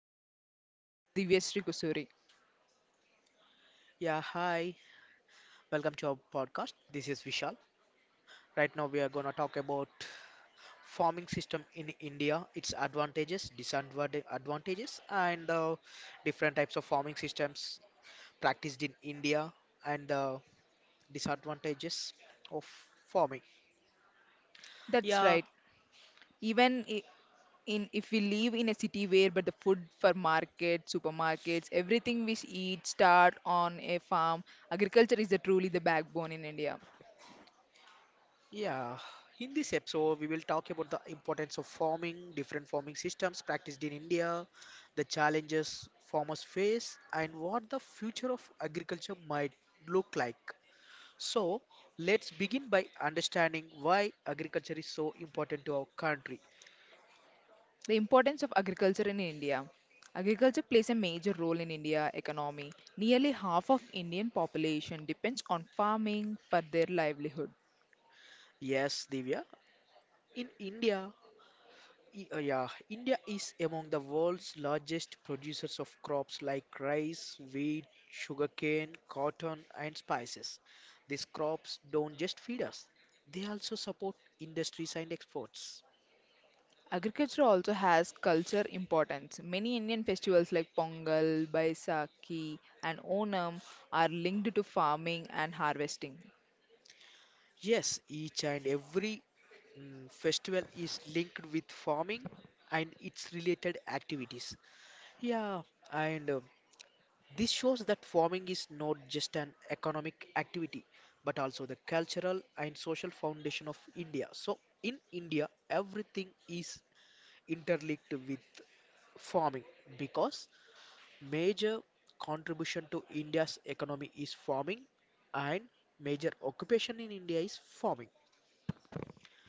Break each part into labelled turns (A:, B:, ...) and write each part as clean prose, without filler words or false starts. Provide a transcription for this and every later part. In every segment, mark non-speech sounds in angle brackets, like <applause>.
A: India. Myself, Divyasri Kusuri.
B: Yeah, hi. Welcome to our podcast. This is Vishal. Right now we are going to talk about farming system in India, its advantages, disadvantages, and different types of farming systems practiced in India and the disadvantages of farming.
A: That's right.
B: Yeah,
A: Even in if we live in a city where but the food for market, supermarkets, everything we eat start on a farm, agriculture is truly the backbone in India.
B: Yeah, in this episode, we will talk about the importance of farming, different farming systems practiced in India, the challenges farmers face, and what the future of agriculture might look like. So, let's begin by understanding why agriculture is so important to our country.
A: The importance of agriculture in India. Agriculture plays a major role in India economy. Nearly half of Indian population depends on farming for their livelihood.
B: Yes, Divya, in India, Yeah, India is among the world's largest producers of crops like rice, wheat, sugarcane, cotton, and spices. These crops don't just feed us, they also support industries and exports.
A: Agriculture also has culture importance. Many Indian festivals like Pongal, Baisakhi, and Onam are linked to farming and harvesting.
B: Yes, each and every festival is linked with farming and its related activities. Yeah, and this shows that farming is not just an economic activity but also the cultural and social foundation of India. So, in India, everything is interlinked with farming, because major contribution to India's economy is farming and major occupation in India is farming.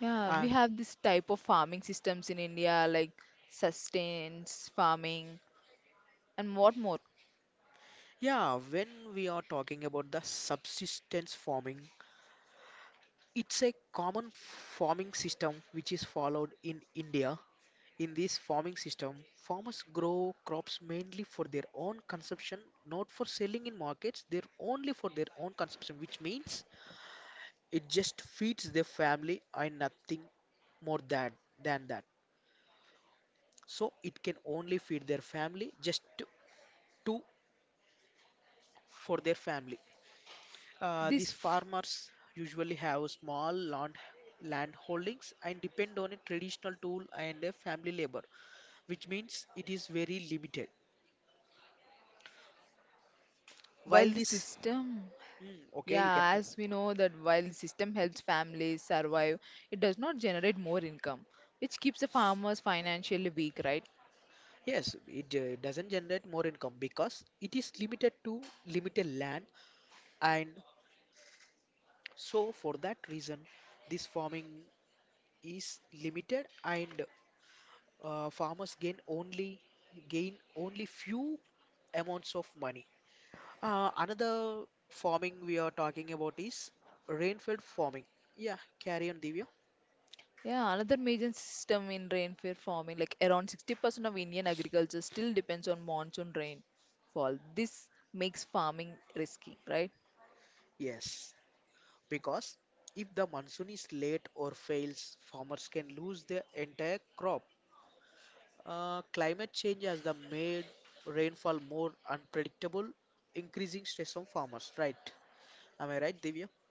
A: Yeah, we
B: Uh,
A: have this type of farming systems in India like sustains farming and what more.
B: yeah, when we are talking about the subsistence farming, it's a common farming system which is followed in India. In this farming system, farmers grow crops mainly for their own consumption, not for selling in markets. They're only for their own consumption, which means it just feeds their family and nothing more than that. So it can only feed their family, just to for their family.
A: This
B: These
A: f-
B: farmers usually have small land holdings and depend on a traditional tool and a family labor, which means it is very limited.
A: while this
B: While this
A: system,
B: Mm, okay, you
A: yeah,
B: can. C-
A: as we know that while the system helps families survive, it does not generate more income, which keeps the farmers financially weak, right?
B: Yes, it doesn't generate more income because it is limited to limited land, and so for that reason, this farming is limited, and farmers gain only few amounts of money. Another farming we are talking about is rainfed farming. Yeah, carry on, Divya.
A: Yeah, another major system in rainfall farming, like around 60% of Indian agriculture still depends on monsoon rainfall. This makes farming risky, right?
B: Yes, because if the monsoon is late or fails, farmers can lose their entire crop. Climate change has the made rainfall more unpredictable, increasing stress on farmers, right? Am I right, Divya?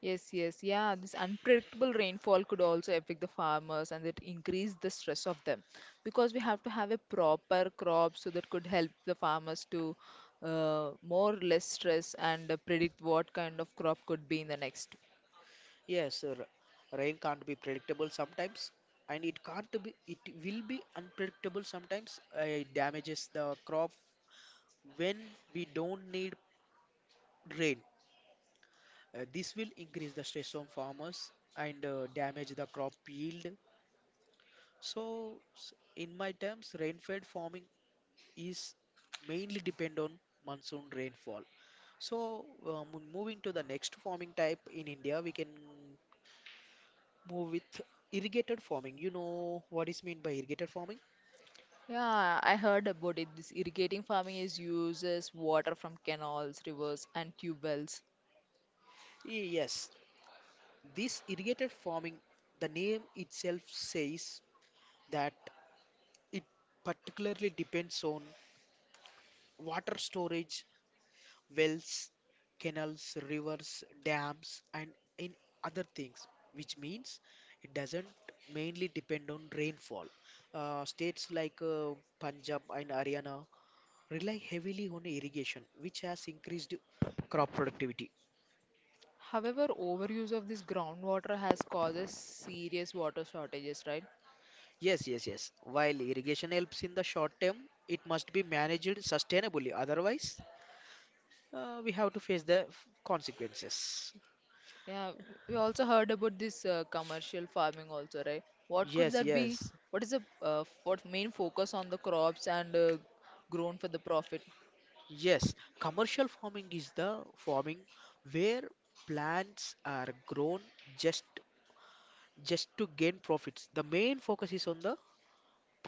A: Yes, yes, yeah. This unpredictable rainfall could also affect the farmers and it increase the stress of them because we have to have a proper crop so that could help the farmers to, more or less stress and predict what kind of crop could be in the next.
B: Yes, sir. Rain can't be predictable sometimes, and it can't be, it will be unpredictable sometimes. It damages the crop when we don't need rain. This will increase the stress on farmers and damage the crop yield. In my terms, rain-fed farming is mainly depend on monsoon rainfall. So, moving to the next farming type in India, we can move with irrigated farming. You know what is meant by irrigated farming?
A: Yeah, I heard about it. This irrigating farming is uses water from canals, rivers, and tube wells.
B: Yes, this irrigated farming, the name itself says that it particularly depends on water storage, wells, canals, rivers, dams, and in other things, which means it doesn't mainly depend on rainfall. States like Punjab and Haryana rely heavily on irrigation, which has increased crop productivity.
A: However, overuse of this groundwater has causes serious water shortages, right?
B: Yes, yes, yes. While irrigation helps in the short term, it must be managed sustainably. Otherwise, we have to face the consequences.
A: Yeah, we also heard about this commercial farming also, right? What could that
B: Yes,
A: be?
B: yes,
A: What is the what main focus on the crops and grown for the profit?
B: yes. Commercial farming is the farming where plants are grown just just to gain profits. The main focus is on the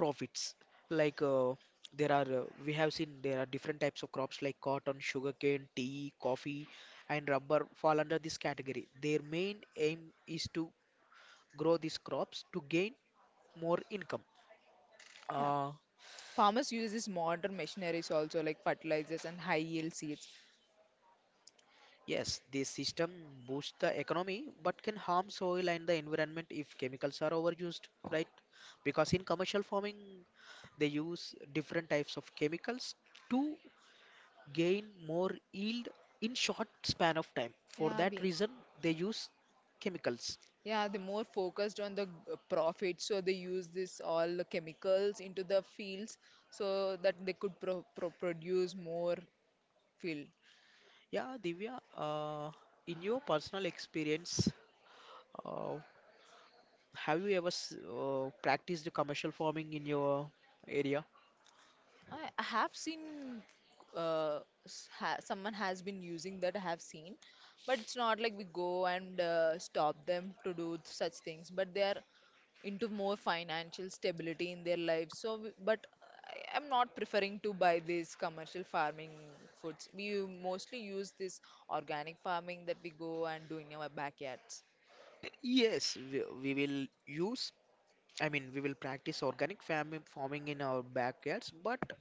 B: profits, like there are we have seen there are different types of crops like cotton, sugarcane, tea, coffee, and rubber fall under this category. Their main aim is to grow these crops to gain more income.
A: Yeah,
B: uh,
A: farmers use these modern machineries also like fertilizers and high yield seeds.
B: yes, this system boosts the economy but can harm soil and the environment if chemicals are overused, right? Because in commercial farming they use different types of chemicals to gain more yield in short span of time.
A: Yeah,
B: For
A: we
B: that reason, they use chemicals.
A: Yeah, they're more focused on the profit, so they use this all the chemicals into the fields so that they could produce more field.
B: Yeah, Divya, in your personal experience, uh, have you ever practiced commercial farming in your area?
A: I have seen uh, s- ha someone has been using that I have seen, but it's not like we go and stop them to do such things. But they are into more financial stability in their lives. So, but I am not preferring to buy these commercial farming foods. We mostly use this organic farming that we go and do in our backyards.
B: Yes, we will use, I mean, we will practice organic farming in our backyards, but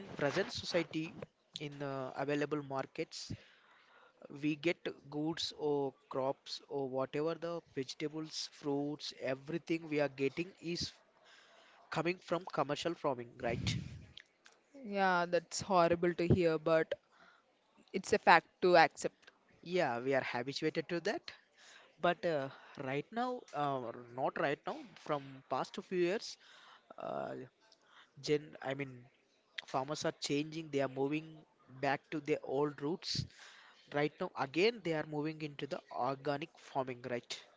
B: in present society, in available markets, we get goods or crops or whatever the vegetables, fruits, everything we are getting is coming from commercial farming, right?
A: Yeah, that's horrible to hear, but it's a fact to accept.
B: Yeah, we are habituated to that. But right now, not right now, from past few years, uh, gen I mean, farmers are changing. They are moving back to their old roots. Right now, again, they are moving into the organic farming, right?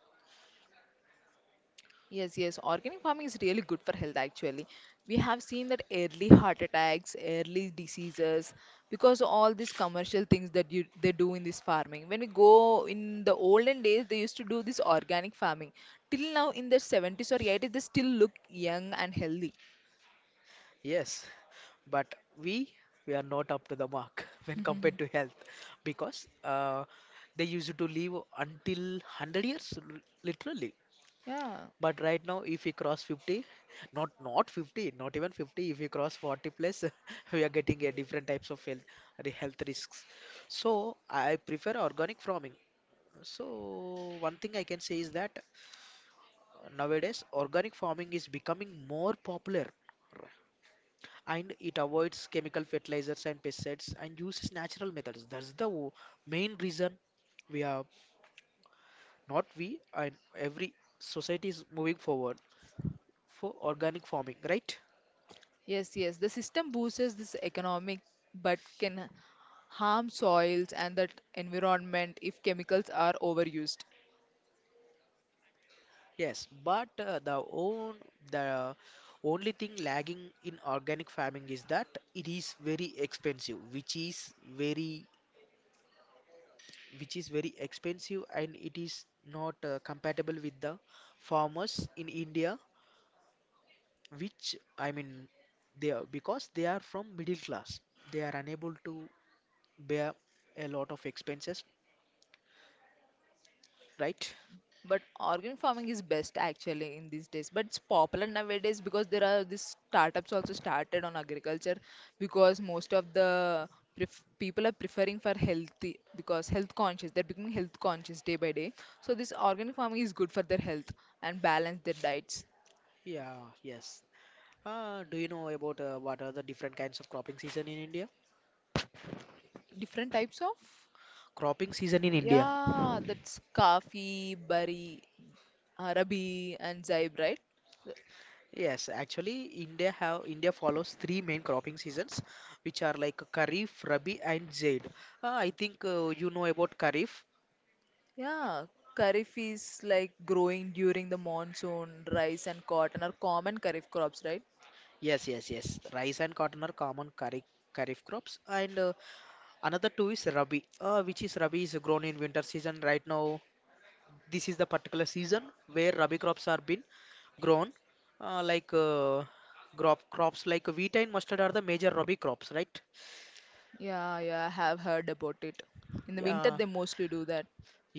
A: Yes, yes. Organic farming is really good for health actually. We have seen that early heart attacks, early diseases, because of all these commercial things that you they do in this farming. When we go in the olden days, they used to do this organic farming. Till now, in their 70s or 80s, they still look young and healthy.
B: Yes, but we are not up to the mark <laughs> when compared
A: <laughs>
B: to health, because they used to live until 100 years literally.
A: Yeah.
B: But right now, if we cross 50, not 50, not even 50, if we cross 40 plus, <laughs> we are getting a different types of health the health risks. So I prefer organic farming. So one thing I can say is that nowadays organic farming is becoming more popular, and it avoids chemical fertilizers and pesticides and uses natural methods. That's the main reason we are not we and every society is moving forward for organic farming, right?
A: Yes, yes. The system boosts this economic but can harm soils and that environment if chemicals are overused.
B: Yes, but the own the only thing lagging in organic farming is that it is very expensive, which is very expensive, and it is not compatible with the farmers in India, which I mean, they are, because they are from middle class, they are unable to bear a lot of expenses, right?
A: But organic farming is best actually in these days. But it's popular nowadays because there are these startups also started on agriculture because most of the pref people are preferring for healthy because health conscious. They're becoming health conscious day by day. So this organic farming is good for their health and balance their diets.
B: Yeah, yes, do you know about what are the different kinds of cropping season in India?
A: Different types of?
B: cropping season in India
A: Yeah, that's kafi, bari, arabi, and zaib, right?
B: yes, actually India follows three main cropping seasons, which are like Kharif, Rabi, and Zaid. I think you know about Kharif.
A: Yeah, kharif is like growing during the monsoon. Rice and cotton are common kharif crops, right?
B: Yes, yes, yes, rice and cotton are common Kharif crops. And another two is Rabi, which is Rabi is grown in winter season. Right now, this is the particular season where Rabi crops are been grown, uh, like uh, crops like wheat and mustard are the major Rabi crops, right?
A: Yeah, yeah, I have heard about it. In the winter, they
B: Yeah,
A: mostly do that.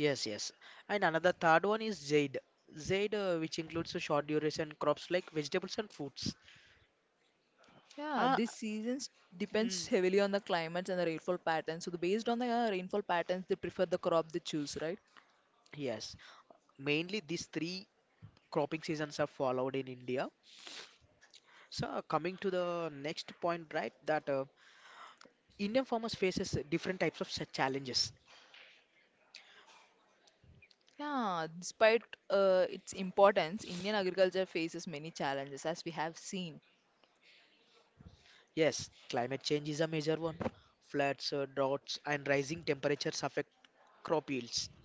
B: yes, yes. And another third one is Zaid. Zaid, which includes the short duration crops like vegetables and fruits.
A: Yeah,
B: Ah,
A: this season depends
B: mm,
A: heavily on the climates and the rainfall patterns. So, based on the rainfall patterns, they prefer the crop they choose, right?
B: yes. Mainly these three cropping seasons are followed in India. So coming to the next point, right? That Indian farmers faces different types of such challenges.
A: Yeah, despite its importance, Indian agriculture faces many challenges, as we have seen.
B: Yes, climate change is a major one. Floods, droughts, and rising temperatures affect crop yields.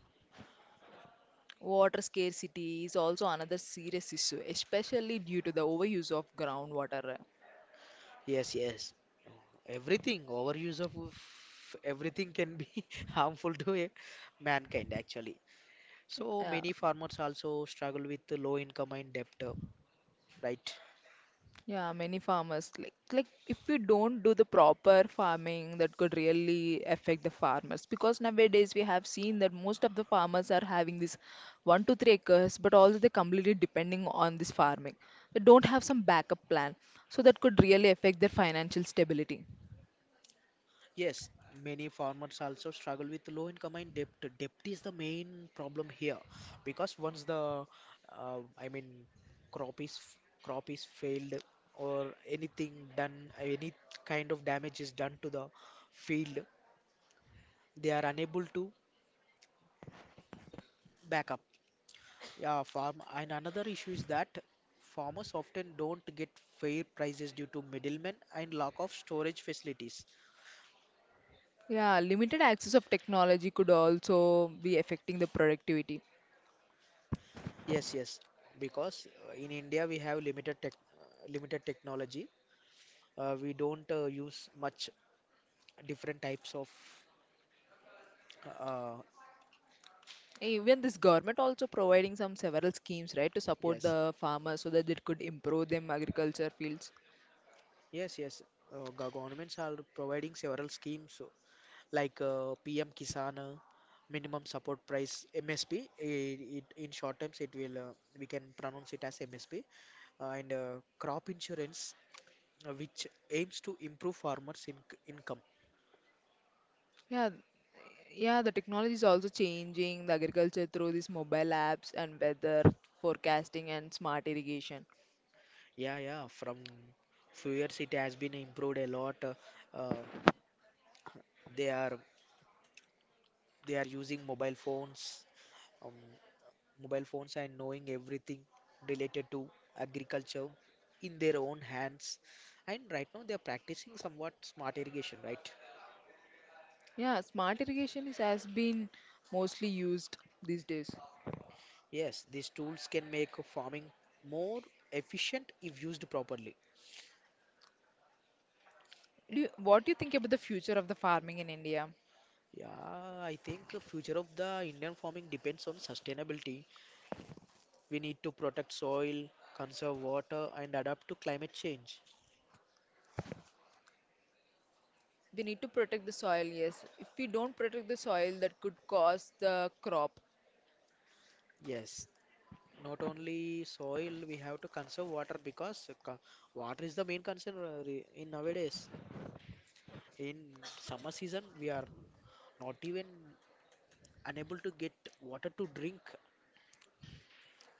A: Water scarcity is also another serious issue, especially due to the overuse of groundwater.
B: Yes, yes, everything. Overuse of everything can be <laughs> harmful to a mankind actually. So
A: Yeah,
B: many farmers also struggle with the low income and debt, right?
A: yeah, many farmers like, if we don't do the proper farming, that could really affect the farmers because nowadays we have seen that most of the farmers are having this 1 to 3 acres, but also they're completely depending on this farming. They don't have some backup plan, so that could really affect their financial stability.
B: Yes, many farmers also struggle with low income and debt. Debt is the main problem here, because once the I mean crop is crop is failed or anything done, any kind of damage is done to the field, they are unable to back up. Yeah, farm and another issue is that farmers often don't get fair prices due to middlemen and lack of storage facilities.
A: Yeah, limited access of technology could also be affecting the productivity.
B: Yes, yes, because in India we have limited technology. We don't use much different types of. Uh, uh,
A: Even this government also providing some several schemes, right, to support
B: yes,
A: the farmers so that it could improve them agriculture fields.
B: yes, yes. Governments are providing several schemes, like PM Kisan, minimum support price (MSP). In short terms, it will we can pronounce it as MSP, and crop insurance, which aims to improve farmers' income.
A: Yeah, yeah, the technology is also changing the agriculture through these mobile apps and weather forecasting and smart irrigation.
B: Yeah, yeah. From few years, it has been improved a lot. Uh, they are they are using um, mobile phones, and knowing everything related to agriculture in their own hands. And right now, they are practicing somewhat smart irrigation, right?
A: Yeah, smart irrigation is has been mostly used these days.
B: Yes, these tools can make farming more efficient if used properly.
A: Do what do you think about the future of the farming in India?
B: Yeah, I think future of the Indian farming depends on sustainability. We need to protect soil, conserve water, and adapt to climate change.
A: We need to protect the soil, yes. If we don't protect the soil, that could cause the crop.
B: Yes, not only soil, we have to conserve water, because water is the main concern in nowadays. In summer season, we are not even unable to get water to drink.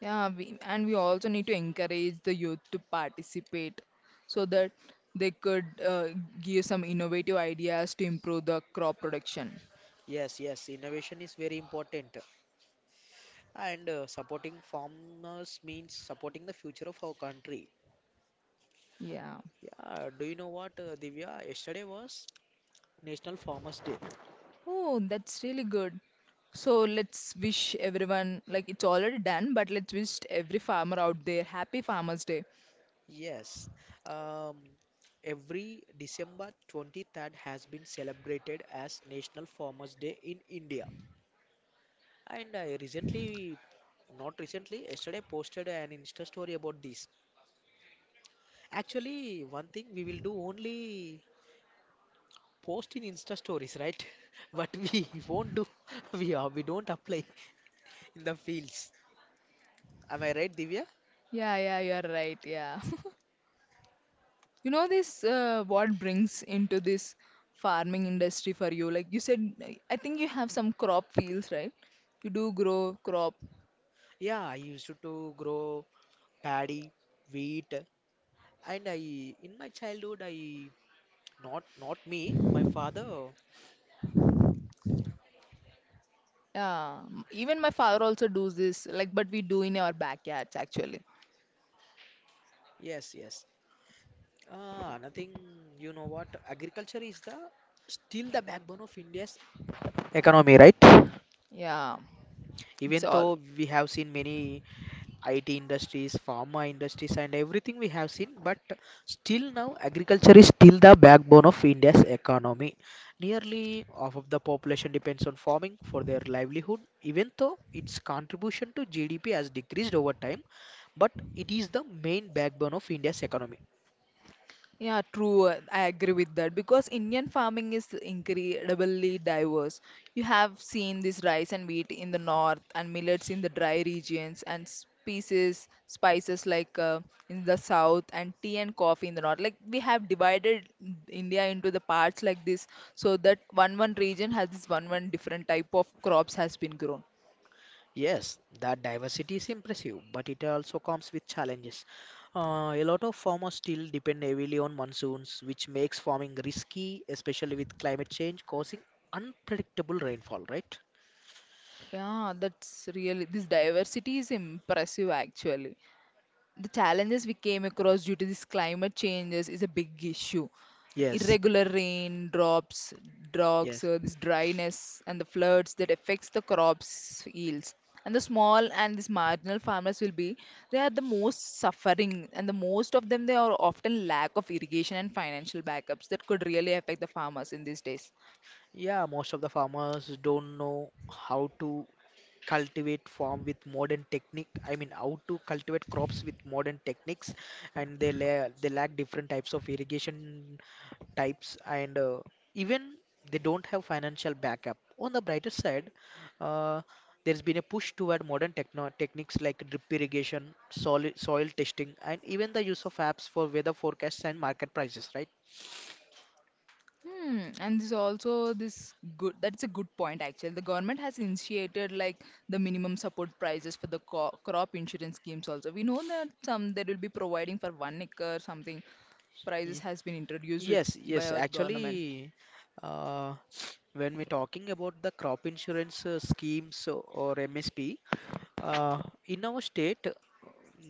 A: Yeah, and we also need to encourage the youth to participate so that they could give some innovative ideas to improve the crop production.
B: Yes, yes, innovation is very important, and supporting farmers means supporting the future of our country.
A: Yeah.
B: Yeah, do you know what, Divya? Yesterday was National Farmers Day.
A: Oh, that's really good. So let's wish everyone, like it's already done, but let's wish every farmer out there happy Farmers Day.
B: Yes, um, every December 23rd has been celebrated as National Farmers Day in India. And I recently, not recently, yesterday posted an Insta story about this. Actually, one thing we will do, only post in Insta stories, right? <laughs> But we <laughs> won't do, <laughs> we are, we don't apply in the fields. Am I right, Divya?
A: Yeah, yeah, you're right. Yeah. <laughs> You know what brings into this farming industry for you? Like you said, I think you have some crop fields, right? You do grow crop.
B: Yeah, I used to grow paddy, wheat, and I in my childhood I not not me, my father.
A: Yeah, even my father also does this, like, but we do in our backyards actually.
B: Yes, yes. Ah, nothing. You know what? Agriculture is the still the backbone of India's economy, right?
A: Yeah, it's
B: Even
A: all.
B: though we have seen many IT industries, pharma industries, and everything we have seen. But still now, agriculture is still the backbone of India's economy. Nearly half of the population depends on farming for their livelihood, even though its contribution to GDP has decreased over time. But it is the main backbone of India's economy.
A: Yeah, true. I agree with that because Indian farming is incredibly diverse. You have seen this rice and wheat in the north and millets in the dry regions and spices like in the south and tea and coffee in the north. Like we have divided India into the parts like this so that one region has this one different type of crops has been grown.
B: Yes, that diversity is impressive, but it also comes with challenges. A lot of farmers still depend heavily on monsoons, which makes farming risky, especially with climate change causing unpredictable rainfall, right?
A: Yeah, that's this diversity is impressive actually. The challenges we came across due to this climate changes is a big issue.
B: Yes,
A: Irregular rain, drops, droughts,
B: yes.
A: this dryness, and the floods that affects the crops yields. And the small and these marginal farmers they are the most suffering, and the most of them they are often lack of irrigation and financial backups that could really affect the farmers in these days.
B: Yeah, most of the farmers don't know how to cultivate farm with modern technique. I mean, how to cultivate crops with modern techniques, and they lack different types of irrigation types and even they don't have financial backup. On the brighter side, uh, there's been a push toward modern techniques like drip irrigation, soil testing, and even the use of apps for weather forecasts and market prices, right?
A: Hmm, and this also this good that's a good point actually. The government has initiated like the minimum support prices for the co crop insurance schemes also. We know that some they will be providing for 1 acre something prices
B: Ye-
A: has been introduced
B: Yes,
A: by
B: yes,
A: our government.
B: actually, uh, <sniffs> when we're talking about the crop insurance schemes or MSP, uh, in our state,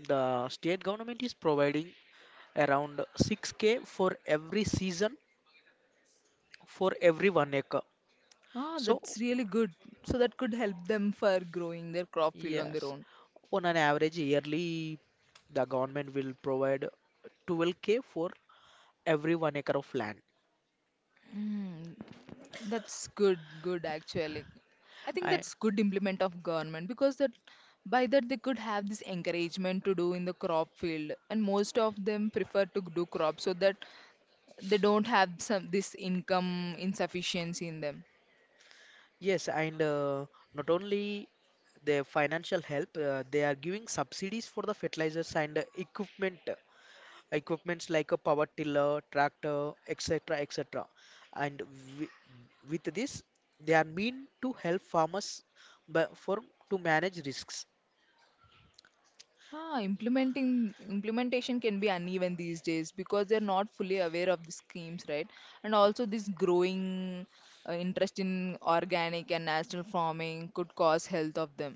B: the state government is providing around 6K for every season for every 1 acre.
A: Ah,
B: So,
A: that's really good. So that could help them for growing their crop field on their
B: yes,
A: own.
B: on an average yearly, the government will provide 12K for every 1 acre of land.
A: Hmm. That's good, good actually. I think
B: I,
A: that's good implement of government because that by that they could have this encouragement to do in the crop field and most of them prefer to do crop so that they don't have some this income insufficiency in them.
B: yes, and not only the financial help, they are giving subsidies for the fertilizers and equipments like a power tiller, tractor, etc., etc. And with this, they are mean to help farmers for to manage risks.
A: Ah, implementing implementation can be uneven these days because they're not fully aware of the schemes, right? And also this growing interest in organic and natural farming could cause health of them.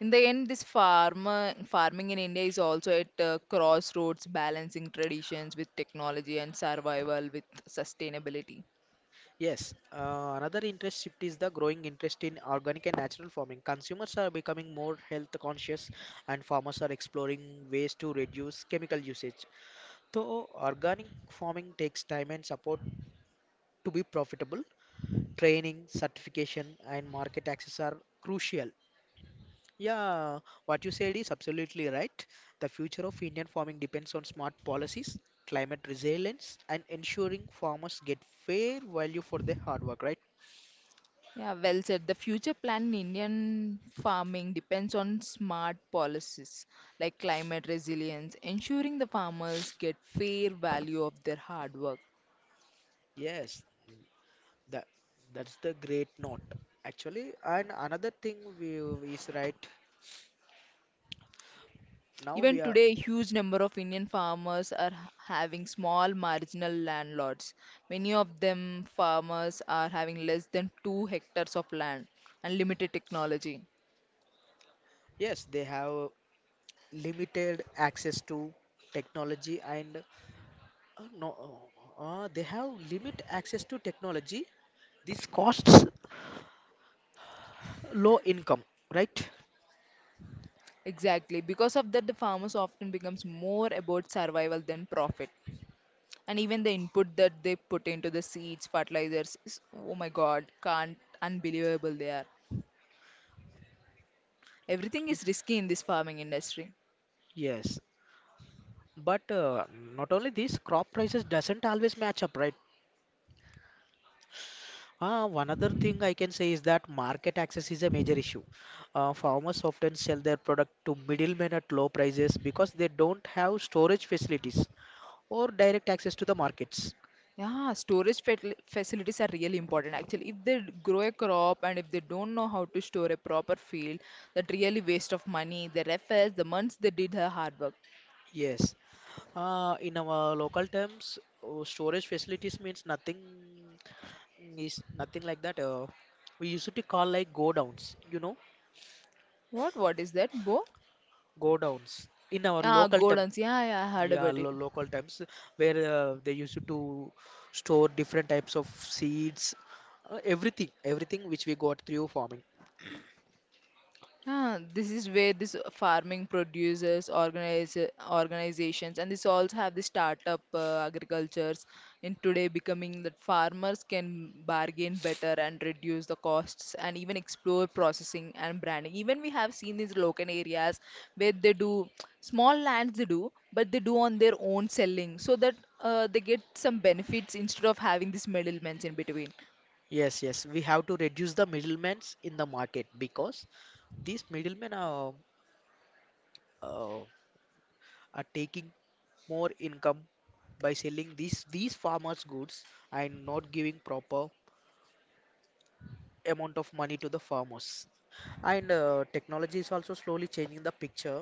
A: In the end, this farmer farming in India is also at a crossroads, balancing traditions with technology and survival with sustainability.
B: Yes, another interest shift is the growing interest in organic and natural farming. Consumers are becoming more health conscious, and farmers are exploring ways to reduce chemical usage. Though organic farming takes time and support to be profitable, training, certification, and market access are crucial. Yeah, what you said is absolutely right. The future of Indian farming depends on smart policies, climate resilience, and ensuring farmers get fair value for their hard work, right?
A: Yeah, well said. The future plan in Indian farming depends on smart policies like climate resilience, ensuring the farmers get fair value of their hard work.
B: Yes, That that's the great note actually. And another thing we is right now
A: Even
B: we are
A: today, a huge number of Indian farmers are having small marginal landlords. Many of them farmers are having less than 2 hectares of land and limited technology.
B: yes they have limited access to technology and no they have limit access to technology. This costs low income, right?
A: Exactly. Because of that, the farmers often becomes more about survival than profit. And even the input that they put into the seeds, fertilizers, is, oh my God, can't, unbelievable they are. Everything
B: Y-
A: is risky in this farming industry.
B: Yes, but not only this, crop prices doesn't always match up, right? One other thing I can say is that market access is a major issue. Farmers often sell their product to middlemen at low prices because they don't have storage facilities or direct access to the markets.
A: Yeah, storage facilities are really important actually. If they grow a crop and if they don't know how to store a proper field, that really waste of money. They efforts, the months they did her hard work.
B: Yes, in our local terms, storage facilities means nothing is nothing like that. We used to call like go downs, you know,
A: What? What is that, Bo?
B: go downs in our
A: Ah,
B: local term.
A: Gordons. Yeah, yeah, I heard
B: Yeah,
A: about it.
B: lo local times where they used to store different types of seeds, everything, everything which we got through farming.
A: Ah, this is where this farming producers, organizations, and this also have the startup agricultures in today becoming that farmers can bargain better and reduce the costs and even explore processing and branding. Even we have seen these local areas where they do small lands they do, but they do on their own selling so that they get some benefits instead of having these middlemen in between.
B: Yes, yes, we have to reduce the middlemen in the market because these middlemen uh, are taking more income by selling these farmers' goods and not giving proper amount of money to the farmers. And technology is also slowly changing the picture.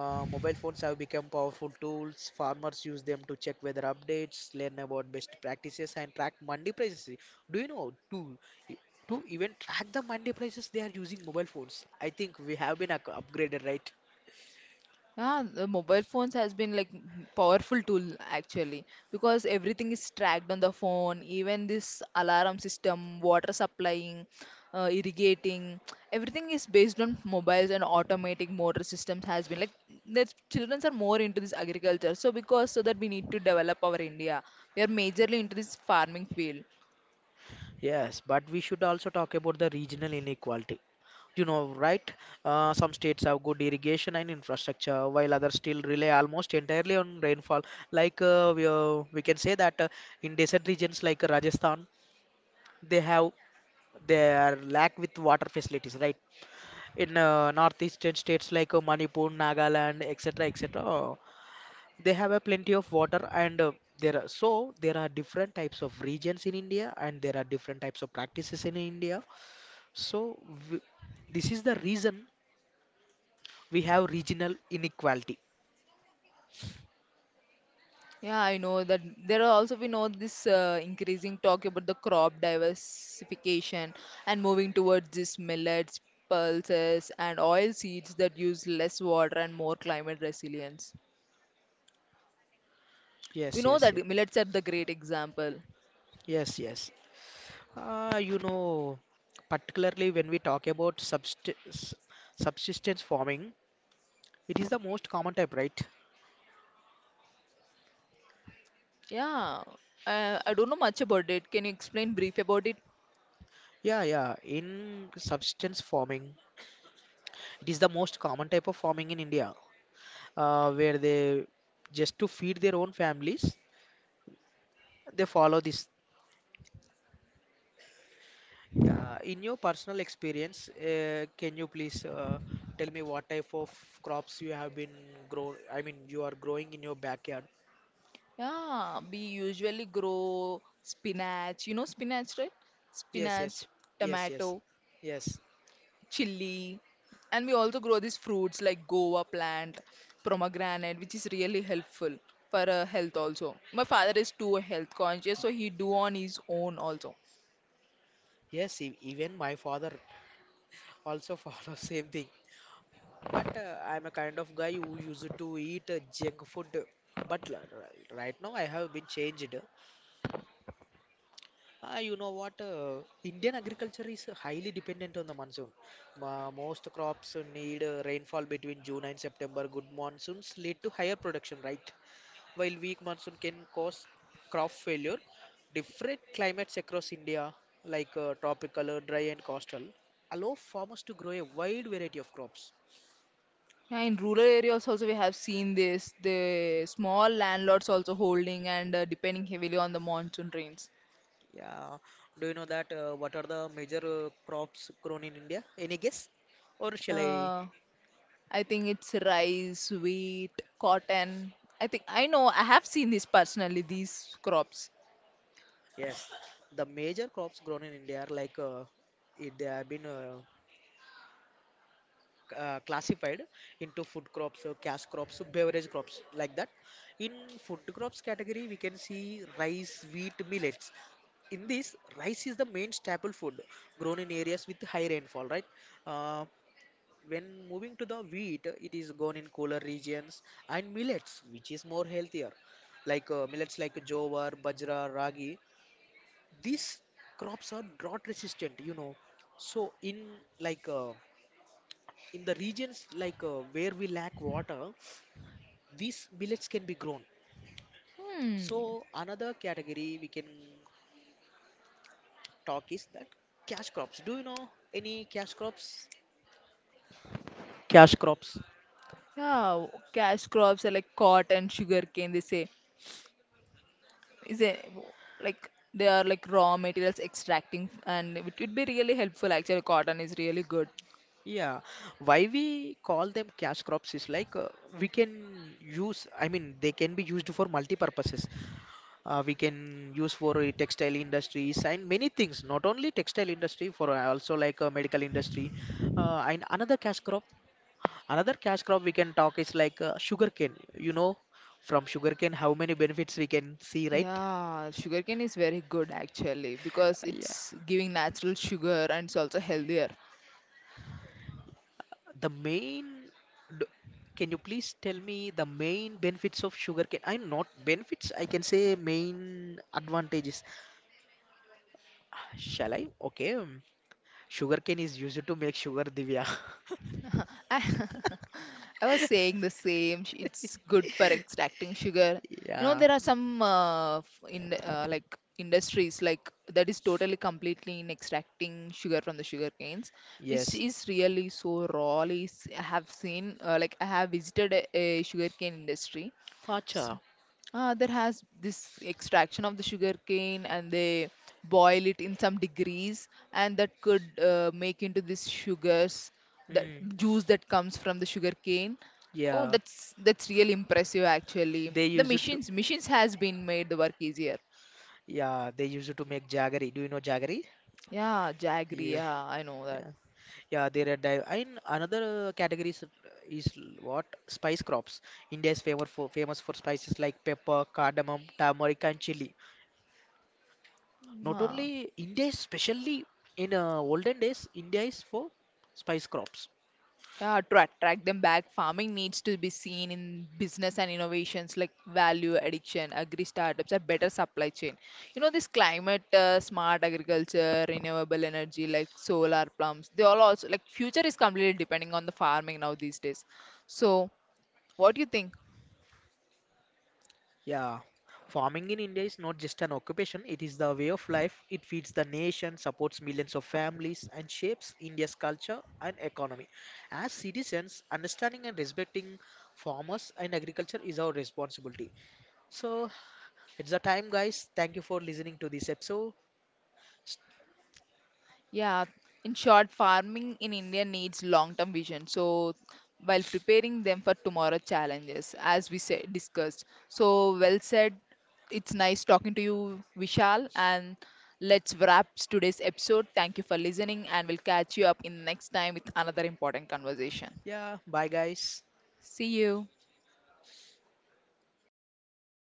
B: Mobile phones have become powerful tools. Farmers use them to check weather updates, learn about best practices, and track mandi prices. Do you know to even track the mandi prices, they are using mobile phones. I think we have been upgraded, right?
A: Yeah, the mobile phones has been like powerful tool actually because everything is tracked on the phone, even this alarm system, water supplying, irrigating, everything is based on mobiles and automatic motor systems has been like the children are more into this agriculture. So that we need to develop our India, we are majorly into this farming field.
B: Yes, but we should also talk about the regional inequality. You know, right? Some states have good irrigation and infrastructure, while others still rely almost entirely on rainfall. We can say that in desert regions like Rajasthan, they have they are lack with water facilities, right? In northeastern states like Manipur, Nagaland, etc., etc., they have a plenty of water, and there are so there are different types of regions in India, and there are different types of practices in India. So w this is the reason we have regional inequality.
A: Yeah, I know that there are also we know this increasing talk about the crop diversification and moving towards this millets, pulses, and oil seeds that use less water and more climate resilience. We
B: Yes,
A: know
B: yes,
A: that
B: yes,
A: millets are the great example.
B: yes, yes. You know, particularly when we talk about subsistence farming, it is the most common type, right?
A: Yeah, I don't know much about it. Can you explain brief about it?
B: Yeah, yeah. In substance farming, it is the most common type of farming in India, where they just to feed their own families, they follow this. Yeah, in your personal experience, can you please tell me what type of crops you have been grow? I mean, you are growing in your backyard.
A: Yeah, we usually grow spinach. You know spinach, right?
B: Yes, yes,
A: Spinach,
B: yes, yes,
A: tomato,
B: yes,
A: chili, and we also grow these fruits like guava plant, pomegranate, which is really helpful for health. Also, my father is too health conscious, so he do on his own also.
B: yes. Even my father also <laughs> follows same thing. But I'm a kind of guy who used to eat junk food. But right now I have been changed. You know what? Indian agriculture is highly dependent on the monsoon. Most crops need rainfall between June and September. Good monsoons lead to higher production, right? While weak monsoon can cause crop failure. Different climates across India, like tropical, dry, and coastal, allow farmers to grow a wide variety of crops.
A: Yeah, in rural areas also we have seen this the small landlords also holding and depending heavily on the monsoon rains.
B: Yeah. Do you know that what are the major crops grown in India? Any guess? Or shall I?
A: uh, I think it's rice, wheat, cotton. I think I know I have seen this personally, these crops.
B: Yes. The major crops grown in India are like they have been classified into food crops, cash crops, beverage crops, like that. In food crops category, we can see rice, wheat, millets. In this, rice is the main staple food grown in areas with high rainfall, right? Uh, When moving to the wheat, it is grown in cooler regions and millets, which is more healthier, like millets like jowar, bajra, ragi. These crops are drought resistant, you know. So in like in the regions like where we lack water, these millets can be grown.
A: Hmm.
B: So another category we can talk is that cash crops. Do you know any cash crops? Cash crops.
A: Yeah, cash crops are like cotton, sugarcane, they say. Is it like they are like raw materials extracting and it would be really helpful actually. Cotton is really good.
B: Yeah, why we call them cash crops is like we can use, I mean, they can be used for multi purposes. We can use for textile industries and many things, not only textile industry, for also like medical industry. And another cash crop we can talk is like sugarcane. You know, from sugarcane, how many benefits we can see, right?
A: Yeah, sugarcane is very good actually because
B: Yeah.
A: it's giving natural sugar and it's also healthier.
B: The main d- can you please tell me the main benefits of sugarcane? I'm not benefits, I can say main advantages. Shall I? Okay, sugarcane is used to make sugar, Divya.
A: I, <laughs> I was saying the same. It's good for extracting sugar.
B: <laughs>
A: You know,
B: Yeah.
A: there are some f- in like industries like that is totally completely in extracting sugar from the sugar canes, which
B: Yes.
A: is really so raw. Is I have seen like I have visited a sugarcane industry. So,
B: Acha.
A: ah, there has this extraction of the sugar cane and they boil it in some degrees and that could make into this sugars, the
B: Hmm.
A: juice that comes from the sugar cane. Oh,
B: Yeah,
A: that's really impressive actually.
B: they
A: The
B: use it to
A: machines has been made the work easier.
B: yeah they use it to make jaggery. Do you know jaggery?
A: Yeah, jaggery.
B: Yeah,
A: Yeah, I know that.
B: yeah. Yeah, they're a dive. And another category is what? Spice crops. India is famous for spices like pepper, cardamom, turmeric, and chili. Not
A: Ah.
B: only India, is especially in olden days, India is for spice crops.
A: Yeah, to attract them back, farming needs to be seen in business and innovations like value addiction, agri startups, and better supply chain. You know, this climate smart agriculture, renewable energy like solar plants, they all also like future is completely depending on the farming now these days. So, what do you think?
B: Yeah. Farming in India is not just an occupation, it is the way of life. It feeds the nation, supports millions of families, and shapes India's culture and economy. As citizens, understanding and respecting farmers and agriculture is our responsibility. So it's the time, guys. Thank you for listening to this episode.
A: Yeah, in short, farming in India needs long-term vision. So, while preparing them for tomorrow challenges, as we said, discussed. So, well said. It's nice talking to you, Vishal. And let's wrap today's episode. Thank you for listening, and we'll catch you up in the next time with another important conversation.
B: Yeah, bye, guys.
A: See you.